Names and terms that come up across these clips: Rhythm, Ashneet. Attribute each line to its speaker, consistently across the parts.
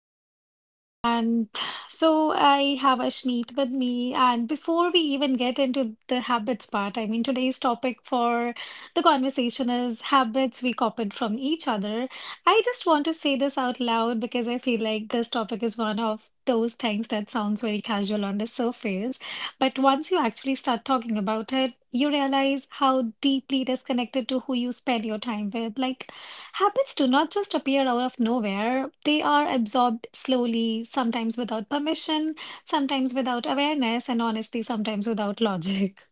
Speaker 1: is Rhythm, and I have Ashneet with me. And before we even get into the habits part, today's topic for the conversation is habits we copied from each other. I just want to say this out loud because I feel like this topic is one of those things that sounds very casual on the surface, but once you actually start talking about it, you realize how deeply it is connected to who you spend your time with. Habits do not just appear out of nowhere. They are absorbed slowly, sometimes without permission, sometimes without awareness, and honestly, sometimes without logic.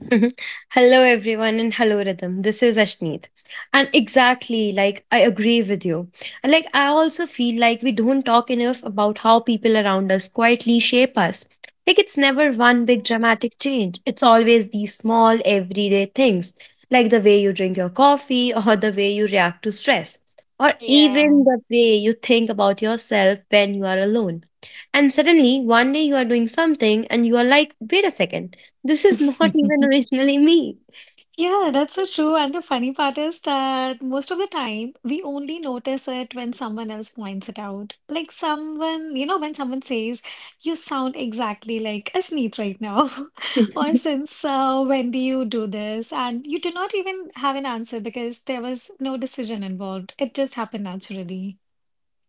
Speaker 2: Hello, everyone, and hello, Rhythm. This is Ashneet. And exactly, like, I agree with you. And, like, I also feel like we don't talk enough about how people around us quietly shape us. Like, it's never one big
Speaker 1: Mhm.
Speaker 2: dramatic change, it's always these small, everyday things, like the way you drink your coffee, or the way you react to stress, or
Speaker 1: Yeah.
Speaker 2: even the way you think about yourself when you are alone. And suddenly, one day you are doing something and you are like, wait a second. This is not even originally me.
Speaker 1: Yeah, that's so true. And the funny part is that most of the time we only notice it when someone else points it out. Like someone, when someone says, you sound exactly like Ashneet right now. Or since when do you do this? And you do not even have an answer because there was no decision involved. It just happened naturally.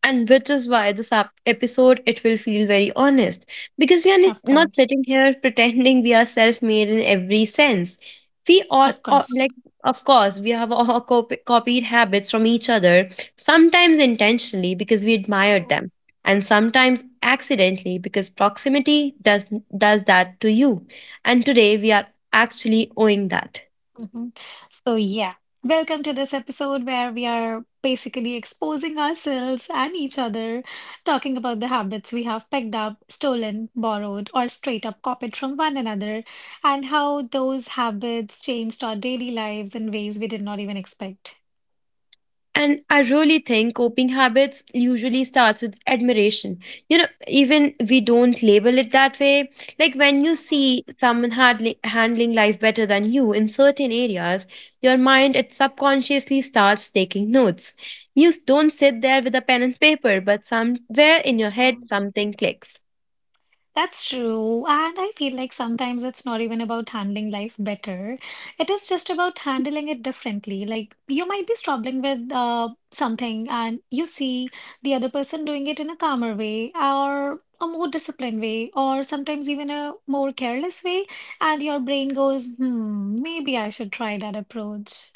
Speaker 2: And which is why this episode it will feel very honest because we are
Speaker 1: Of
Speaker 2: not
Speaker 1: course.
Speaker 2: sitting here pretending we are self-made in every sense. We all,
Speaker 1: Of
Speaker 2: all
Speaker 1: course.
Speaker 2: like of course we have all copied habits from each other, sometimes intentionally because we admired them, and sometimes accidentally because proximity does that to you. And today we are actually owing that.
Speaker 1: Mhm. So, yeah, welcome to this episode where we are basically exposing ourselves and each other, talking about the habits we have picked up, stolen, borrowed, or straight up copied from one another, and how those habits changed our daily lives in ways we did not even expect.
Speaker 2: And I really think coping habits usually starts with admiration. You know, even we don't label it that way. Like when you
Speaker 1: Mhm.
Speaker 2: see someone handling life better than you in certain areas, your mind it subconsciously starts taking notes. Don't sit there with a pen and paper, but somewhere in your head
Speaker 1: Mhm.
Speaker 2: something clicks.
Speaker 1: That's true. And I feel like sometimes it's not even about handling life better. It is just about handling it differently. Like you might be struggling with something and you see the other person doing it in a calmer way or a more disciplined way or sometimes even a more careless way. And your brain goes, hmm, maybe I should try that approach.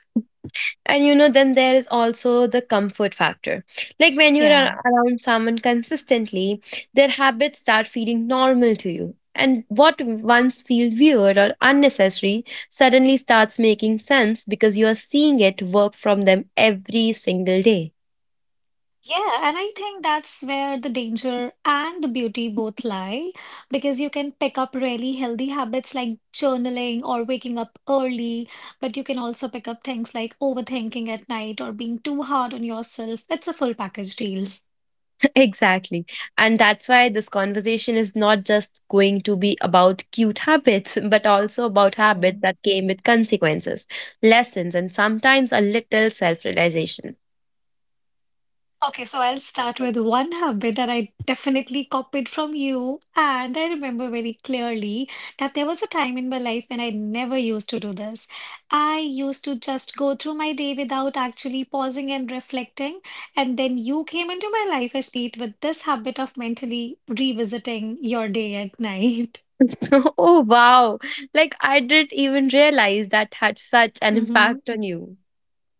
Speaker 2: And you know, then there is also the comfort factor. Like when you're
Speaker 1: Yeah.
Speaker 2: around someone consistently, their habits start feeling normal to you. And what once felt weird or unnecessary suddenly starts making sense because you are seeing it work from them every single day.
Speaker 1: Yeah, and I think that's where the danger and the beauty both lie because you can pick up really healthy habits like journaling or waking up early, but you can also pick up things like overthinking at night or being too hard on yourself. It's a full package deal.
Speaker 2: Exactly. And that's why this conversation is not just going to be about cute habits, but also about habits
Speaker 1: Mhm.
Speaker 2: that came with consequences, lessons, and sometimes a little self realization.
Speaker 1: Okay, so I'll start with one habit that I definitely copied from you. And I remember very clearly that there was a time in my life when I never used to do this. I used to just go through my day without actually pausing and reflecting. And then you came into my life, Ashneet, with this habit of mentally revisiting your day at night.
Speaker 2: Oh, wow. Like, I didn't even realize that had such an
Speaker 1: Mhm.
Speaker 2: impact on you.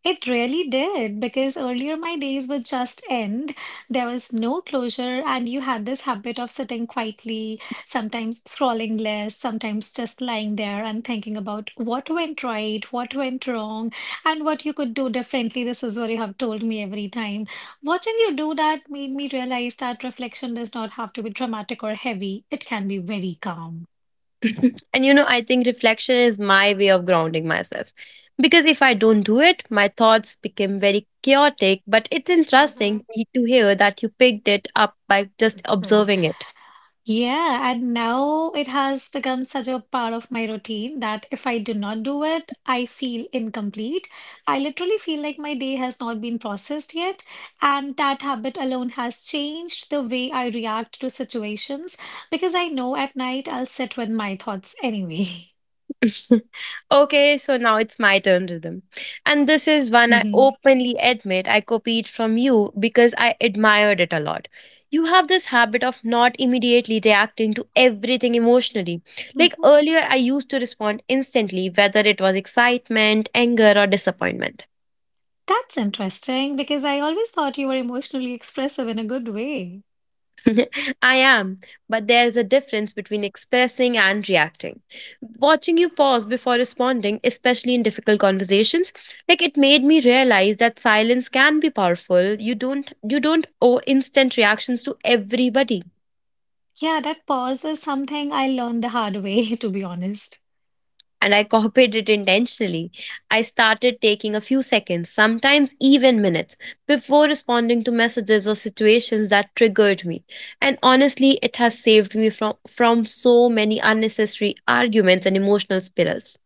Speaker 1: It really did because earlier my days would just end. There was no closure, and you had this habit of sitting quietly, sometimes scrolling less, sometimes just lying there and thinking about what went right, what went wrong, and what you could do differently. This is what you have told me every time. Watching you do that made me realize that reflection does not have to be dramatic or heavy, it can be very calm.
Speaker 2: And you know, I think reflection is my way of grounding myself. Because if I don't do it, my thoughts become very chaotic. But it's interesting
Speaker 1: Hmm.
Speaker 2: me to hear that you picked it up by just observing it.
Speaker 1: Yeah, and now it has become such a part of my routine that if I do not do it, I feel incomplete. I literally feel like my day has not been processed yet, and that habit alone has changed the way I react to situations because I know at night I'll sit with my thoughts anyway.
Speaker 2: Okay, so now it's my turn, Rhythm. And this is one I
Speaker 1: Mhm.
Speaker 2: openly admit I copied from you because I admired it a lot. You have this habit of not immediately reacting to everything emotionally. Like
Speaker 1: Mhm.
Speaker 2: earlier, I used to respond instantly, whether it was excitement, anger, or disappointment.
Speaker 1: That's interesting because I always thought you were emotionally expressive in a good way.
Speaker 2: I am, but there's a difference between expressing and reacting. Watching you pause before responding, especially in difficult conversations, like it made me realize that silence can be powerful. You don't owe instant reactions to everybody.
Speaker 1: Yeah, that pause is something I learned the hard way, to be honest.
Speaker 2: And I copied it intentionally. I started taking a few seconds, sometimes even minutes, before responding to messages or situations that triggered me. And honestly, it has saved me from so many unnecessary arguments and emotional spirals.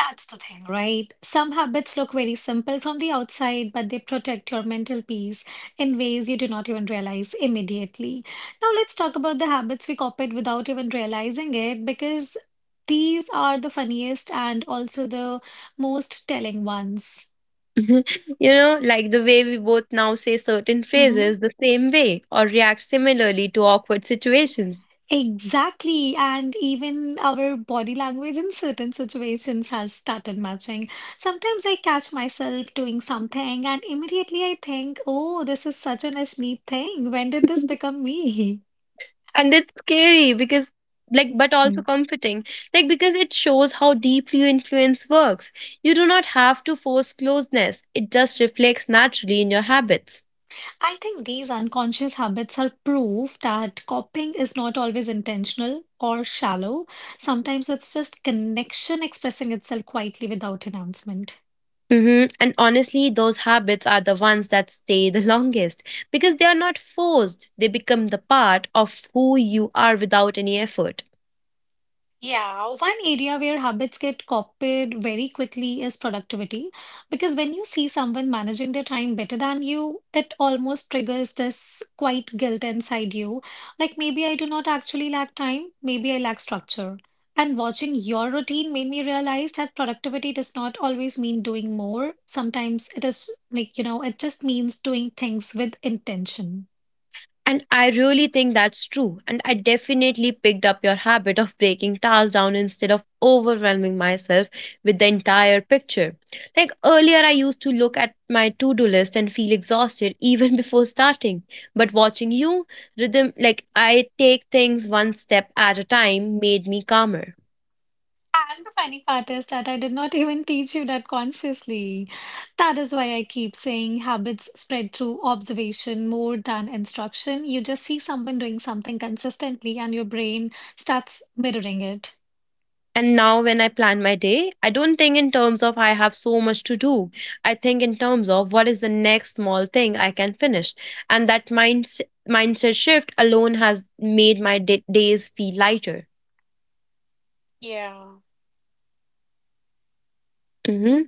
Speaker 1: That's the thing, right? Some habits look very simple from the outside, but they protect your mental peace in ways you do not even realize immediately. Now, let's talk about the habits we copied without even realizing it because these are the funniest and also the most telling ones.
Speaker 2: You know, like the way we both now say certain
Speaker 1: Mm-hmm.
Speaker 2: phrases the same way or react similarly to awkward situations.
Speaker 1: Exactly, and even our body language in certain situations has started matching. Sometimes I catch myself doing something, and immediately I think, oh, this is such an Ashneet thing. When did this become me?
Speaker 2: And it's scary because, like, but
Speaker 1: Hmm.
Speaker 2: also comforting, like, because it shows how deeply your influence works. You do not have to force closeness, it just reflects naturally in your habits.
Speaker 1: I think these unconscious habits are proof that copying is not always intentional or shallow. Sometimes it's just connection expressing itself quietly without announcement.
Speaker 2: Hmm, and honestly those habits are the ones that stay the longest because they are not forced, they become the part of who you are without any effort.
Speaker 1: Yeah, one area where habits get copied very quickly is productivity. Because when you see someone managing their time better than you, it almost triggers this quiet guilt inside you. Like maybe I do not actually lack time, maybe I lack structure. And watching your routine made me realize that productivity does not always mean doing more. Sometimes it is it just means doing things with intention.
Speaker 2: And I really think that's true. And I definitely picked up your habit of breaking tasks down instead of overwhelming myself with the entire picture. Like earlier, I used to look at my to do list and feel exhausted even before starting. But watching you, rhythm, like I take things one step at a time, made me calmer.
Speaker 1: I'm the funny part is that I did not even teach you that consciously. That is why I keep saying habits spread through observation more than instruction. You just see someone doing something consistently and your brain starts mirroring it.
Speaker 2: And now, when I plan my day, I don't think in terms of I have so much to do. I think in terms of what is the next small thing I can finish. And that mindset shift alone has made my days feel lighter.
Speaker 1: Yeah.
Speaker 2: Hmm.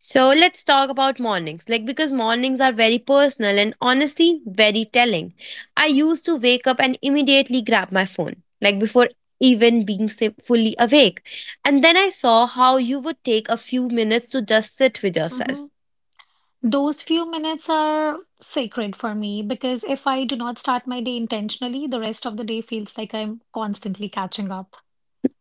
Speaker 2: So, let's talk about mornings. Like, because mornings are very personal and honestly, very telling. I used to wake up and immediately grab my phone, like before even being fully awake. And then I saw how you would take a few minutes to just sit with yourself.
Speaker 1: Mhm. Those few minutes are sacred for me because if I do not start my day intentionally, the rest of the day feels like I'm constantly catching up.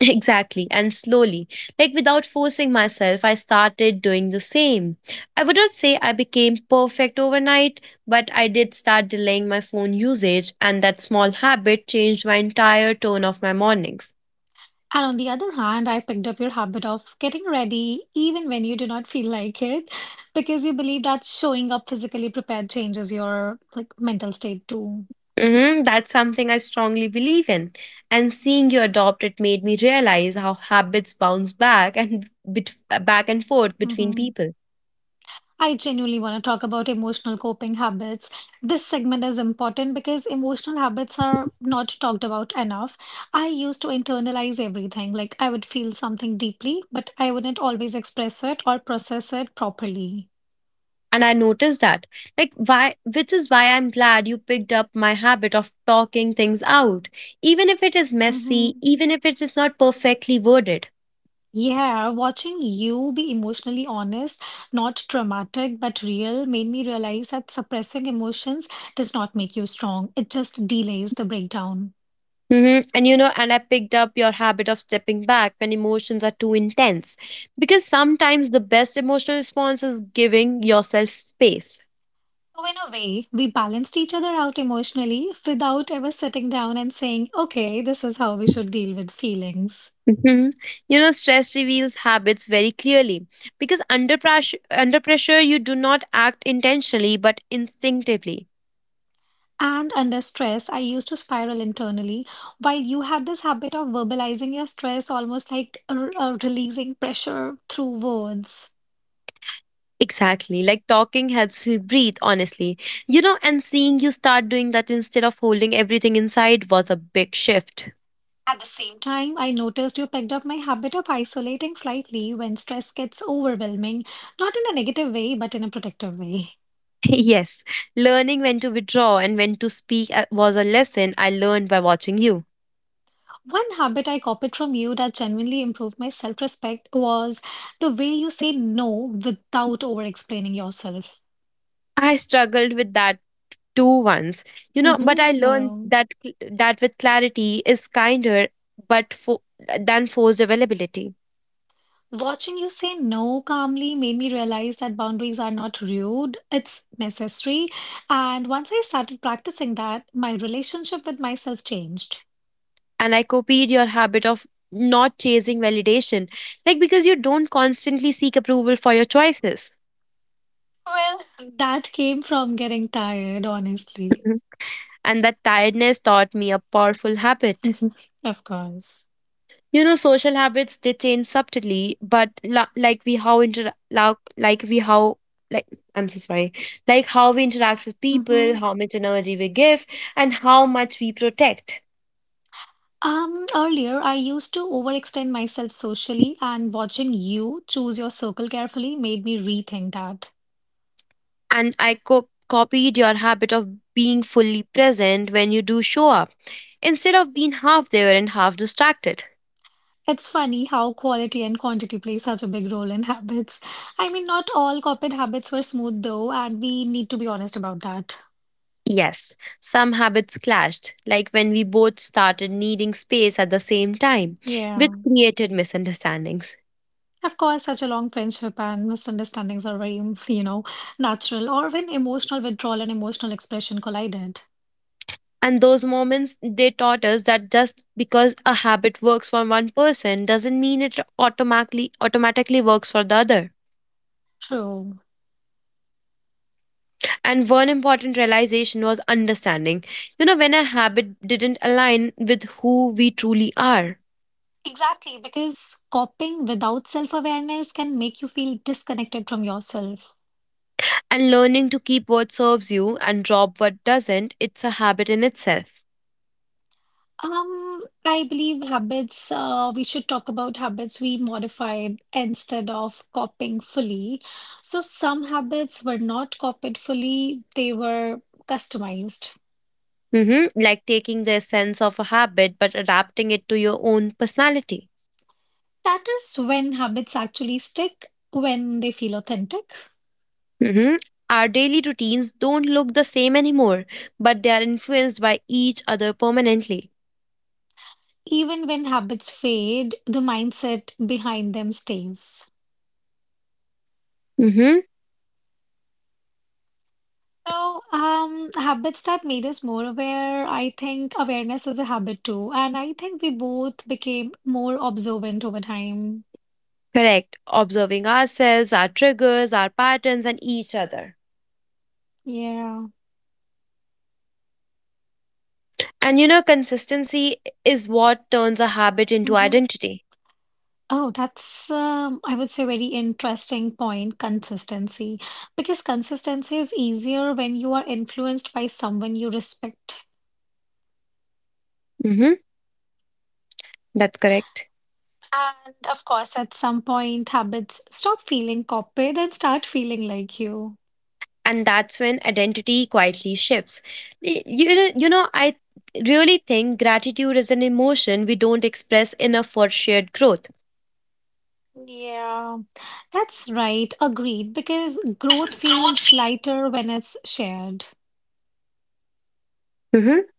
Speaker 2: Exactly, and slowly, like without forcing myself, I started doing the same. I would not say I became perfect overnight, but I did start delaying my phone usage, and that small habit changed my entire tone of my mornings.
Speaker 1: And on the other hand, I picked up your habit of getting ready even when you do not feel like it, because you believe that showing up physically prepared changes your like mental state too.
Speaker 2: Hmm, that's something I strongly believe in. And seeing you adopt it made me realize how habits bounce back and bet- back and forth between
Speaker 1: Hmm.
Speaker 2: people.
Speaker 1: I genuinely want to talk about emotional coping habits. This segment is important because emotional habits are not talked about enough. I used to internalize everything. Like I would feel something deeply, but I wouldn't always express it or process it properly.
Speaker 2: And I noticed that, like, why which is why I'm glad you picked up my habit of talking things out, even if it is messy,
Speaker 1: Mm-hmm.
Speaker 2: even if it is not perfectly worded.
Speaker 1: Yeah, watching you be emotionally honest, not traumatic, but real, made me realize that suppressing emotions does not make you strong. It just delays the breakdown.
Speaker 2: Hmm, and you know, and I picked up your habit of stepping back when emotions are too intense, because sometimes the best emotional response is giving yourself space.
Speaker 1: So, in a way, we balanced each other out emotionally without ever sitting down and saying, okay, this is how we should deal with feelings.
Speaker 2: Hmm, you know, stress reveals habits very clearly because under pressure you do not act intentionally but instinctively.
Speaker 1: And under stress, I used to spiral internally, while you had this habit of verbalizing your stress almost like releasing pressure through words.
Speaker 2: Exactly. Like talking helps me breathe, honestly. You know, and seeing you start doing that instead of holding everything inside was a big shift.
Speaker 1: At the same time, I noticed you picked up my habit of isolating slightly when stress gets overwhelming, not in a negative way, but in a protective way.
Speaker 2: Yes. Learning when to withdraw and when to speak was a lesson I learned by watching you.
Speaker 1: One habit I copied from you that genuinely improved my self respect was the way you say no without over explaining yourself.
Speaker 2: I struggled with that too once. You know, but
Speaker 1: Hmm.
Speaker 2: I learned
Speaker 1: Well,
Speaker 2: that that with clarity is kinder but than forced availability.
Speaker 1: watching you say no calmly made me realize that boundaries are not rude, it's necessary. And once I started practicing that, my relationship with myself changed.
Speaker 2: And I copied your habit of not chasing validation, like, because you don't constantly seek approval for your choices.
Speaker 1: Well, that came from getting tired, honestly.
Speaker 2: Mhm. And that tiredness taught me a powerful habit.
Speaker 1: Mhm. Of course.
Speaker 2: You know, social habits they change subtly, but la- like we how inter la- like we how like I'm so sorry, like how we interact with people,
Speaker 1: Hmm.
Speaker 2: how much energy we give, and how much we protect.
Speaker 1: Earlier, I used to overextend myself socially, and watching you choose your circle carefully made me rethink that.
Speaker 2: And I copied your habit of being fully present when you do show up, instead of being half there and half distracted.
Speaker 1: It's funny how quality and quantity play such a big role in habits. I mean, not all corporate habits were smooth, though, and we need to be honest about that.
Speaker 2: Yes, some habits clashed, like when we both started needing space at the same time,
Speaker 1: Yeah.
Speaker 2: which created misunderstandings.
Speaker 1: Of course, such a long friendship and misunderstandings are very, natural, or when emotional withdrawal and emotional expression collided.
Speaker 2: And those moments, they taught us that just because a habit works for one person doesn't mean it automatically works for the other.
Speaker 1: True.
Speaker 2: And one important realization was understanding. You know, when a habit didn't align with who we truly are.
Speaker 1: Exactly, because coping without self-awareness can make you feel disconnected from yourself.
Speaker 2: And learning to keep what serves you and drop what doesn't, it's a habit in itself.
Speaker 1: I believe habits, we should talk about habits we modified instead of copying fully. So some habits were not copied fully, they were customized.
Speaker 2: Hmm. Like taking the essence of a habit but adapting it to your own personality.
Speaker 1: That is when habits actually stick, when they feel authentic.
Speaker 2: Hmm. Our daily routines don't look the same anymore, but they are influenced by each other permanently.
Speaker 1: Even when habits fade, the mindset behind them stays.
Speaker 2: Hmm.
Speaker 1: So, habits that made us more aware, I think awareness is a habit too. And I think we both became more observant over time.
Speaker 2: Correct. Observing ourselves, our triggers, our patterns, and each other.
Speaker 1: Yeah.
Speaker 2: And you know, consistency is what turns a habit into
Speaker 1: Hmm.
Speaker 2: identity.
Speaker 1: Oh, that's, I would say, very interesting point, consistency. Because consistency is easier when you are influenced by someone you respect.
Speaker 2: Hmm. That's correct.
Speaker 1: And of course, at some point, habits stop feeling copied and start feeling like you.
Speaker 2: And that's when identity quietly shifts. You know I really think gratitude is an emotion we don't express enough for shared growth.
Speaker 1: Yeah, that's right. Agreed. Because growth feels lighter when it's shared.
Speaker 2: Mhm.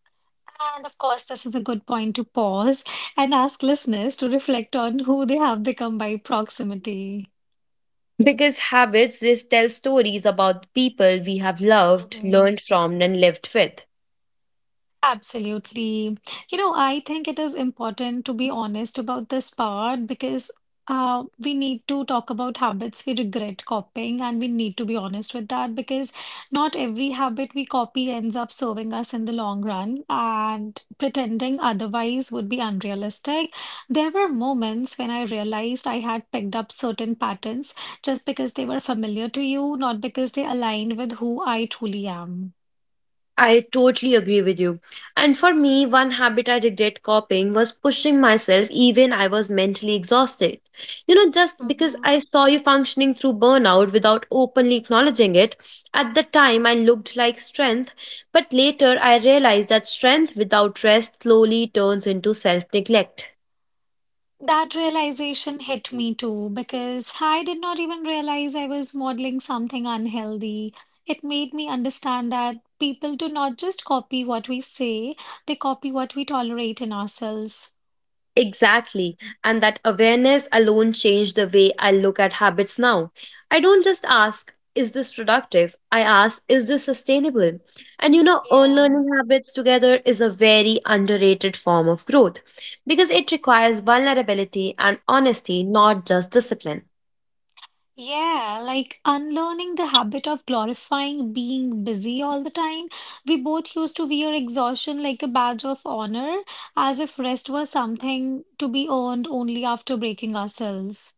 Speaker 1: And of course, this is a good point to pause and ask listeners to reflect on who they have become by proximity.
Speaker 2: Because habits this tell stories about people we have loved,
Speaker 1: Mhm.
Speaker 2: learned from, and lived with.
Speaker 1: Absolutely. You know, I think it is important to be honest about this part because we need to talk about habits we regret copying, and we need to be honest with that because not every habit we copy ends up serving us in the long run, and pretending otherwise would be unrealistic. There were moments when I realized I had picked up certain patterns just because they were familiar to you, not because they aligned with who I truly am.
Speaker 2: I totally agree with you. And for me, one habit I regret copying was pushing myself even I was mentally exhausted. You know, just because I saw you functioning through burnout without openly acknowledging it, at the time I looked like strength, but later I realized that strength without rest slowly turns into self-neglect.
Speaker 1: That realization hit me too because I did not even realize I was modeling something unhealthy. It made me understand that people do not just copy what we say, they copy what we tolerate in ourselves.
Speaker 2: Exactly. And that awareness alone changed the way I look at habits now. I don't just ask, is this productive? I ask, is this sustainable? And you know, own
Speaker 1: Yeah.
Speaker 2: learning habits together is a very underrated form of growth because it requires vulnerability and honesty, not just discipline.
Speaker 1: Yeah, like unlearning the habit of glorifying being busy all the time. We both used to wear exhaustion like a badge of honor, as if rest was something to be earned only after breaking ourselves.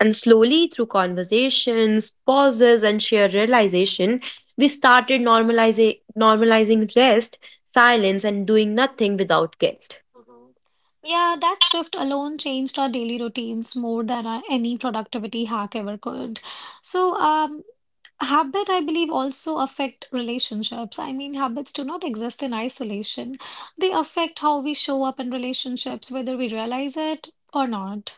Speaker 2: And slowly, through conversations, pauses, and shared realization, we started normalizing rest, silence, and doing nothing without guilt.
Speaker 1: Mhm. Yeah, that shift alone changed our daily routines more than our, any productivity hack ever could. So, habit, I believe, also affect relationships. I mean, habits do not exist in isolation. They affect how we show up in relationships, whether we realize it or not.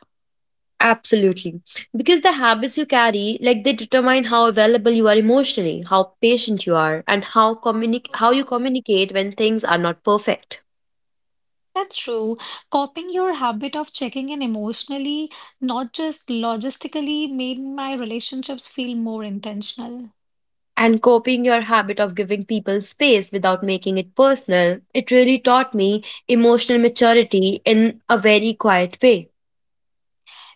Speaker 2: Absolutely. Because the habits you carry, like they determine how available you are emotionally, how patient you are, and how how you
Speaker 1: Mhm.
Speaker 2: communicate when things are not perfect.
Speaker 1: That's true. Copying your habit of checking in emotionally, not just logistically, made my relationships feel more intentional.
Speaker 2: And copying your habit of giving people space without making it personal, it really taught me emotional maturity in a very quiet way.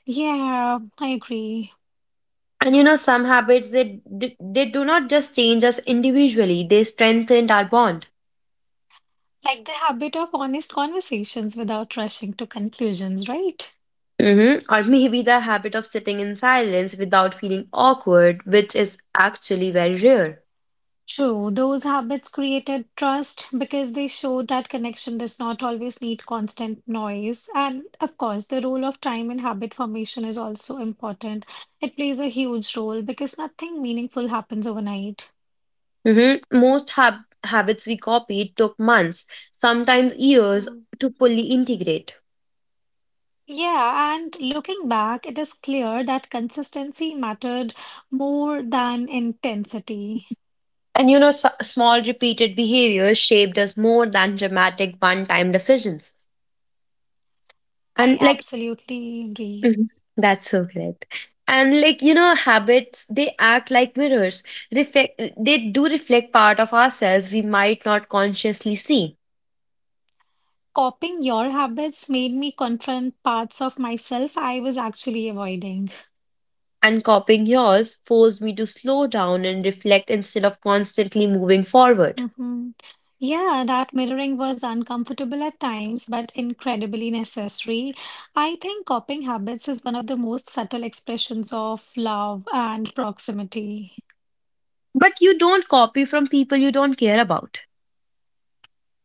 Speaker 1: Yeah, I agree.
Speaker 2: And you know, some habits they, they do not just change us individually, they strengthened our bond.
Speaker 1: Like the habit of honest conversations without rushing to conclusions, right?
Speaker 2: Hmm. Or maybe the habit of sitting in silence without feeling awkward, which is actually very rare.
Speaker 1: True, those habits created trust because they showed that connection does not always need constant noise. And of course, the role of time in habit formation is also important. It plays a huge role because nothing meaningful happens overnight.
Speaker 2: Hmm. Most habits we copied took months, sometimes years,
Speaker 1: Mhm.
Speaker 2: to fully integrate.
Speaker 1: Yeah, and looking back, it is clear that consistency mattered more than intensity.
Speaker 2: And you know, small repeated behaviors shaped us more than dramatic one time decisions.
Speaker 1: I
Speaker 2: And, like,
Speaker 1: absolutely agree.
Speaker 2: mhm, that's so correct. And, like, you know, habits, they act like mirrors. Reflect, they do reflect part of ourselves we might not consciously see.
Speaker 1: Copying your habits made me confront parts of myself I was actually avoiding.
Speaker 2: And copying yours forced me to slow down and reflect instead of constantly moving forward.
Speaker 1: Hmm. Yeah, that mirroring was uncomfortable at times, but incredibly necessary. I think copying habits is one of the most subtle expressions of love and proximity.
Speaker 2: But you don't copy from people you don't care about.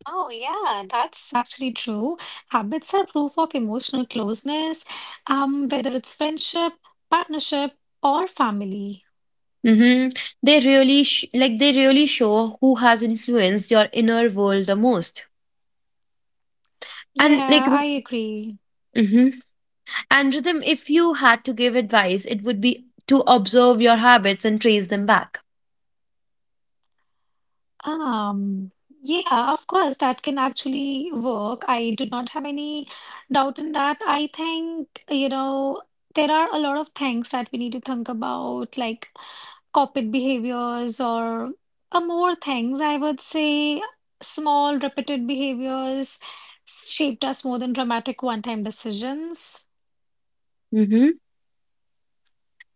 Speaker 1: Oh, yeah, that's actually true. Habits are proof of emotional closeness, whether it's friendship, partnership, or family.
Speaker 2: Mm-hmm. They really like they really show who has influenced your inner world the most. And, like,
Speaker 1: Yeah, I agree.
Speaker 2: mhm. And Rhythm, if you had to give advice, it would be to observe your habits and trace them back.
Speaker 1: Um, yeah, of course, that can actually work. I do not have any doubt in that. I think, you know, there are a lot of things that we need to think about, like corporate behaviors or more things. I would say small, repeated behaviors shaped us more than dramatic one-time decisions.
Speaker 2: Mm-hmm.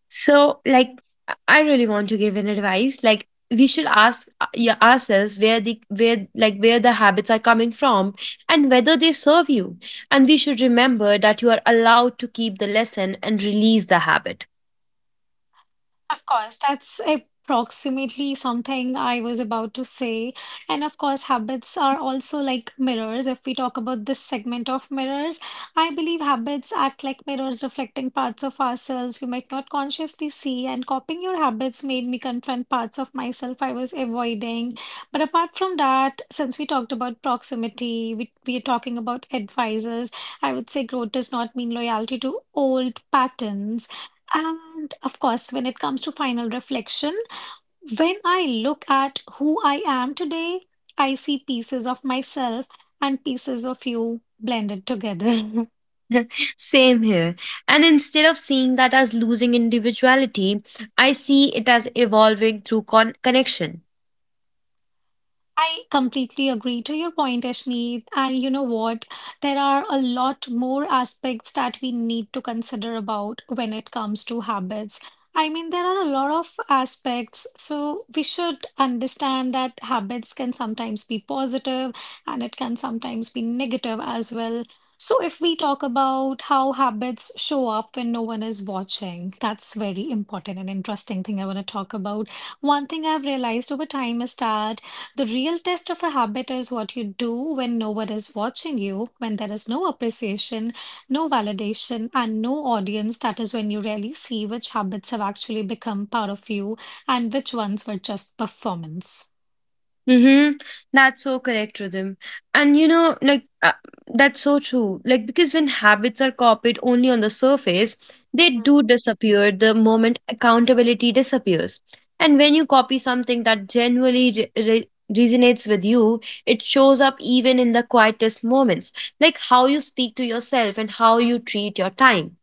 Speaker 2: So, like, I really want to give an advice. Like, we should ask yeah, ourselves where the habits are coming from and whether they serve you. And we should remember that you are allowed to keep the lesson and release the habit.
Speaker 1: Of course, that's approximately something I was about to say. And of course, habits are also like mirrors. If we talk about this segment of mirrors, I believe habits act like mirrors reflecting parts of ourselves we might not consciously see. And copying your habits made me confront parts of myself I was avoiding. But apart from that, since we talked about proximity, we are talking about advisors, I would say growth does not mean loyalty to old patterns. And of course, when it comes to final reflection, when I look at who I am today, I see pieces of myself and pieces of you blended together.
Speaker 2: Same here. And instead of seeing that as losing individuality, I see it as evolving through connection.
Speaker 1: I completely agree to your point, Ashneet. And you know what? There are a lot more aspects that we need to consider about when it comes to habits. I mean, there are a lot of aspects. So we should understand that habits can sometimes be positive and it can sometimes be negative as well. So if we talk about how habits show up when no one is watching, that's very important and interesting thing I want to talk about. One thing I've realized over time is that the real test of a habit is what you do when no one is watching you, when there is no appreciation, no validation, and no audience. That is when you really see which habits have actually become part of you and which ones were just performance.
Speaker 2: Mm-hmm. That's so correct, Rhythm. And you know, like, that's so true. Like, because when habits are copied only on the surface, they do disappear the moment accountability disappears. And when you copy something that genuinely resonates with you, it shows up even in the quietest moments, like how you speak to yourself and how you treat your time.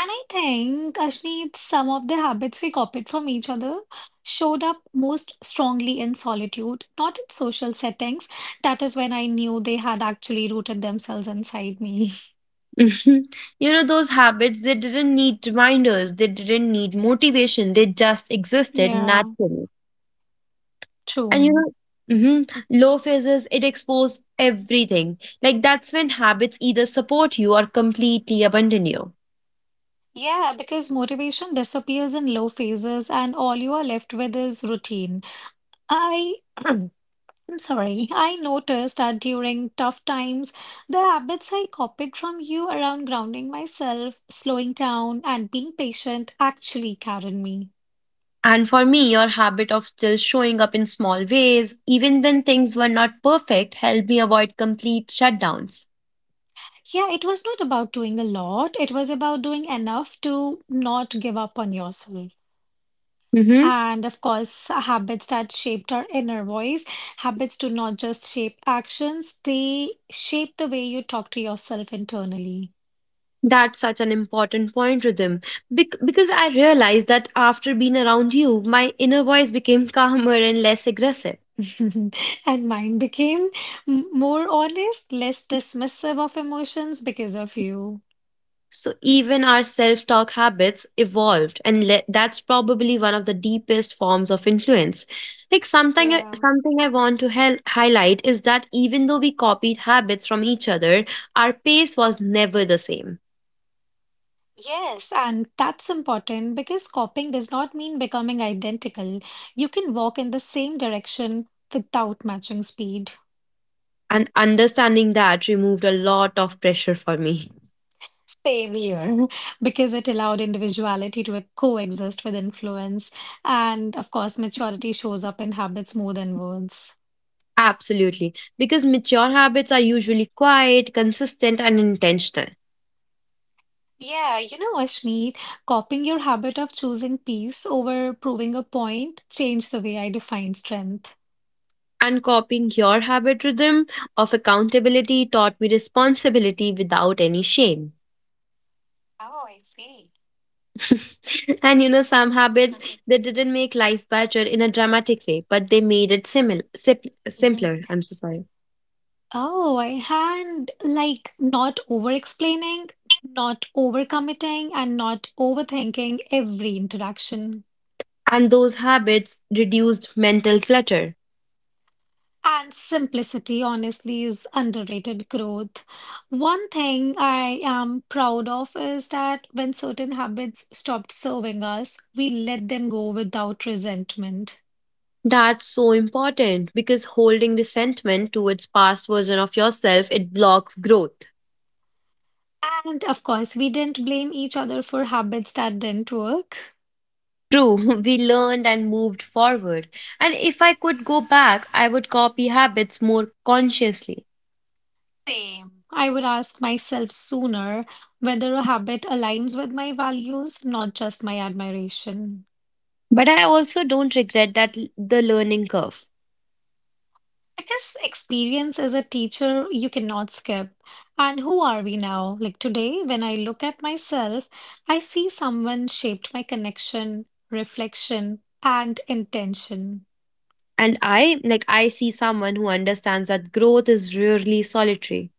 Speaker 1: And I think, Ashneet, some of the habits we copied from each other showed up most strongly in solitude, not in social settings. That is when I knew they had actually rooted themselves inside me.
Speaker 2: Mhm. You know, those habits, they didn't need reminders, they didn't need motivation, they just existed
Speaker 1: Yeah,
Speaker 2: naturally. And you
Speaker 1: true.
Speaker 2: know, hmm low phases, it exposes everything. Like that's when habits either support you or completely abandon you.
Speaker 1: Yeah, because motivation disappears in low phases and all you are left with is routine. I, I'm sorry, I noticed that during tough times, the habits I copied from you around grounding myself, slowing down, and being patient actually carried me.
Speaker 2: And for me, your habit of still showing up in small ways, even when things were not perfect, helped me avoid complete shutdowns.
Speaker 1: Yeah, it was not about doing a lot, it was about doing enough to not give up on yourself.
Speaker 2: hmm
Speaker 1: And of course, habits that shaped our inner voice. Habits do not just shape actions, they shape the way you talk to yourself internally.
Speaker 2: That's such an important point, Rhythm. Because I realized that after being around you, my inner voice became calmer and less aggressive.
Speaker 1: And mine became more honest, less dismissive of emotions because of you.
Speaker 2: So even our self talk habits evolved, and that's probably one of the deepest forms of influence. Like something,
Speaker 1: Yeah.
Speaker 2: something I want to highlight is that even though we copied habits from each other, our pace was never the same.
Speaker 1: Yes, and that's important because copying does not mean becoming identical. You can walk in the same direction without matching speed.
Speaker 2: And understanding that removed a lot of pressure for me.
Speaker 1: Same here, because it allowed individuality to coexist with influence. And of course, maturity shows up in habits more than words.
Speaker 2: Absolutely. Because mature habits are usually quiet, consistent, and intentional.
Speaker 1: Yeah, you know, Ashneet, copying your habit of choosing peace over proving a point changed the way I define strength.
Speaker 2: And copying your habit rhythm of accountability taught me responsibility without any shame.
Speaker 1: Oh, I see.
Speaker 2: And you know, some habits, they didn't make life better in a dramatic way, but they made it
Speaker 1: Mhm.
Speaker 2: simpler. I'm so sorry.
Speaker 1: Oh, I had like not over explaining, not overcommitting, and not overthinking every interaction.
Speaker 2: And those habits reduced mental clutter.
Speaker 1: And simplicity, honestly, is underrated growth. One thing I am proud of is that when certain habits stopped serving us, we let them go without resentment.
Speaker 2: That's so important, because holding resentment towards past version of yourself, it blocks growth.
Speaker 1: And of course, we didn't blame each other for habits that didn't work.
Speaker 2: True. We learned and moved forward. And if I could go back, I would copy habits more consciously.
Speaker 1: Same. I would ask myself sooner whether a habit aligns with my values, not just my admiration.
Speaker 2: But I also don't regret that the learning curve.
Speaker 1: I guess experience as a teacher you cannot skip. And who are we now? Like today, when I look at myself, I see someone shaped my connection, reflection, and intention.
Speaker 2: And I see someone who understands that growth is rarely solitary.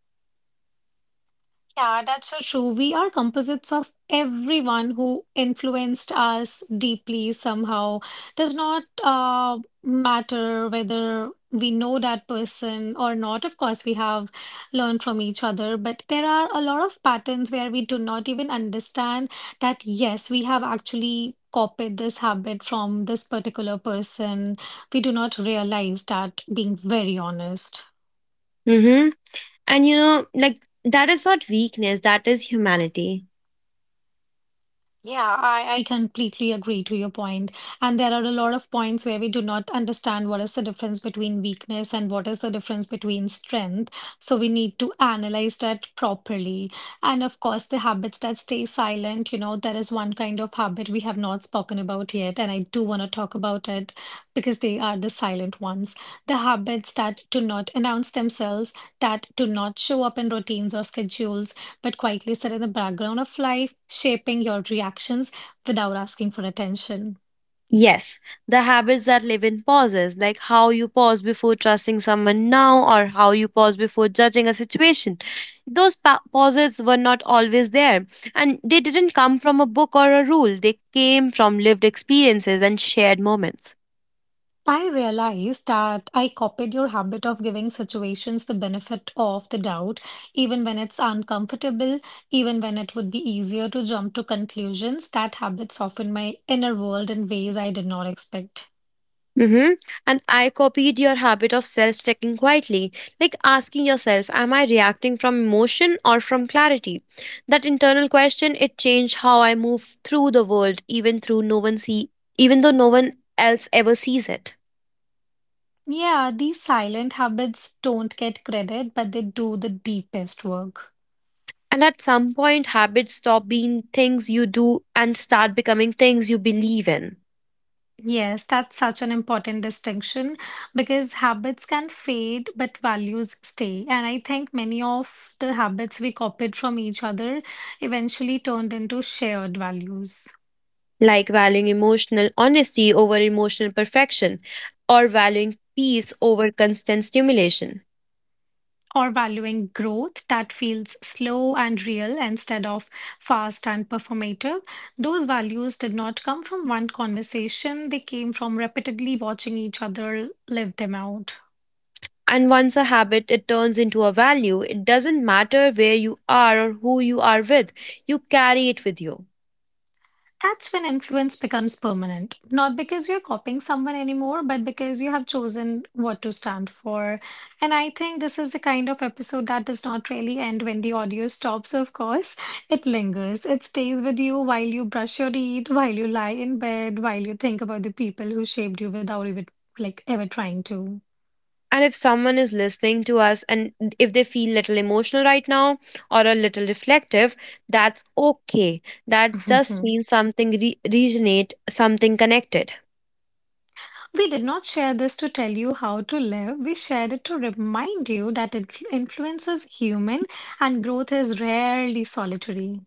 Speaker 1: Yeah, that's so true. We are composites of everyone who influenced us deeply somehow. Does not matter whether we know that person or not. Of course, we have learned from each other, but there are a lot of patterns where we do not even understand that, yes, we have actually copied this habit from this particular person. We do not realize that, being very honest.
Speaker 2: Mm-hmm. And you know, like, that is not weakness, that is humanity.
Speaker 1: Yeah, I completely agree to your point. And there are a lot of points where we do not understand what is the difference between weakness and what is the difference between strength. So we need to analyze that properly. And of course, the habits that stay silent, you know, there is one kind of habit we have not spoken about yet, and I do want to talk about it because they are the silent ones. The habits that do not announce themselves, that do not show up in routines or schedules but quietly sit in the background of life, shaping your reactions without asking for attention.
Speaker 2: Yes, the habits that live in pauses, like how you pause before trusting someone now or how you pause before judging a situation, those pauses were not always there, and they didn't come from a book or a rule, they came from lived experiences and shared moments.
Speaker 1: I realized that I copied your habit of giving situations the benefit of the doubt, even when it's uncomfortable, even when it would be easier to jump to conclusions. That habit softened my inner world in ways I did not expect.
Speaker 2: Mm-hmm. And I copied your habit of self checking quietly, like asking yourself, am I reacting from emotion or from clarity? That internal question, it changed how I move through the world, even through no one see even though no one else ever sees it.
Speaker 1: Yeah, these silent habits don't get credit, but they do the deepest work.
Speaker 2: And at some point habits stop being things you do and start becoming things you believe in.
Speaker 1: Yes, that's such an important distinction because habits can fade, but values stay. And I think many of the habits we copied from each other eventually turned into shared values
Speaker 2: Like valuing emotional honesty over emotional perfection, or valuing peace over constant stimulation.
Speaker 1: or valuing growth that feels slow and real instead of fast and performative. Those values did not come from one conversation, they came from repeatedly watching each other live them out.
Speaker 2: And once a habit, it turns into a value. It doesn't matter where you are or who you are with, you carry it with you.
Speaker 1: That's when influence becomes permanent, not because you're copying someone anymore, but because you have chosen what to stand for. And I think this is the kind of episode that does not really end when the audio stops, of course. It lingers, it stays with you while you brush your teeth, while you lie in bed, while you think about the people who shaped you without even like ever trying to.
Speaker 2: And if someone is listening to us, and if they feel little emotional right now or a little reflective, that's okay. That just means something resonate, something connected.
Speaker 1: We did not share this to tell you how to live. We shared it to remind you that it influences human and growth is rarely solitary.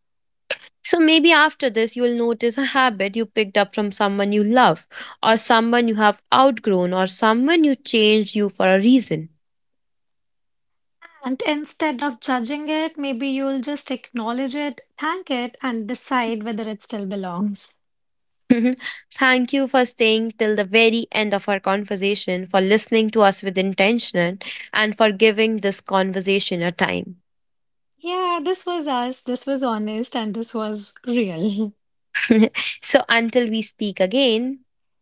Speaker 2: So maybe after this, you'll notice a habit you picked up from someone you love, or someone you have outgrown, or someone you changed you for a reason.
Speaker 1: And instead of judging it, maybe you'll just acknowledge it, thank it, and decide whether it still belongs.
Speaker 2: Mhm. Thank you for staying till the very end of our conversation, for listening to us with intention, and for giving this conversation a time.
Speaker 1: Yeah, this was us. This was honest and this was real.
Speaker 2: So, until we speak again,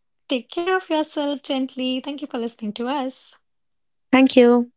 Speaker 1: Take care of yourself gently. Thank you for listening to us.
Speaker 2: thank you.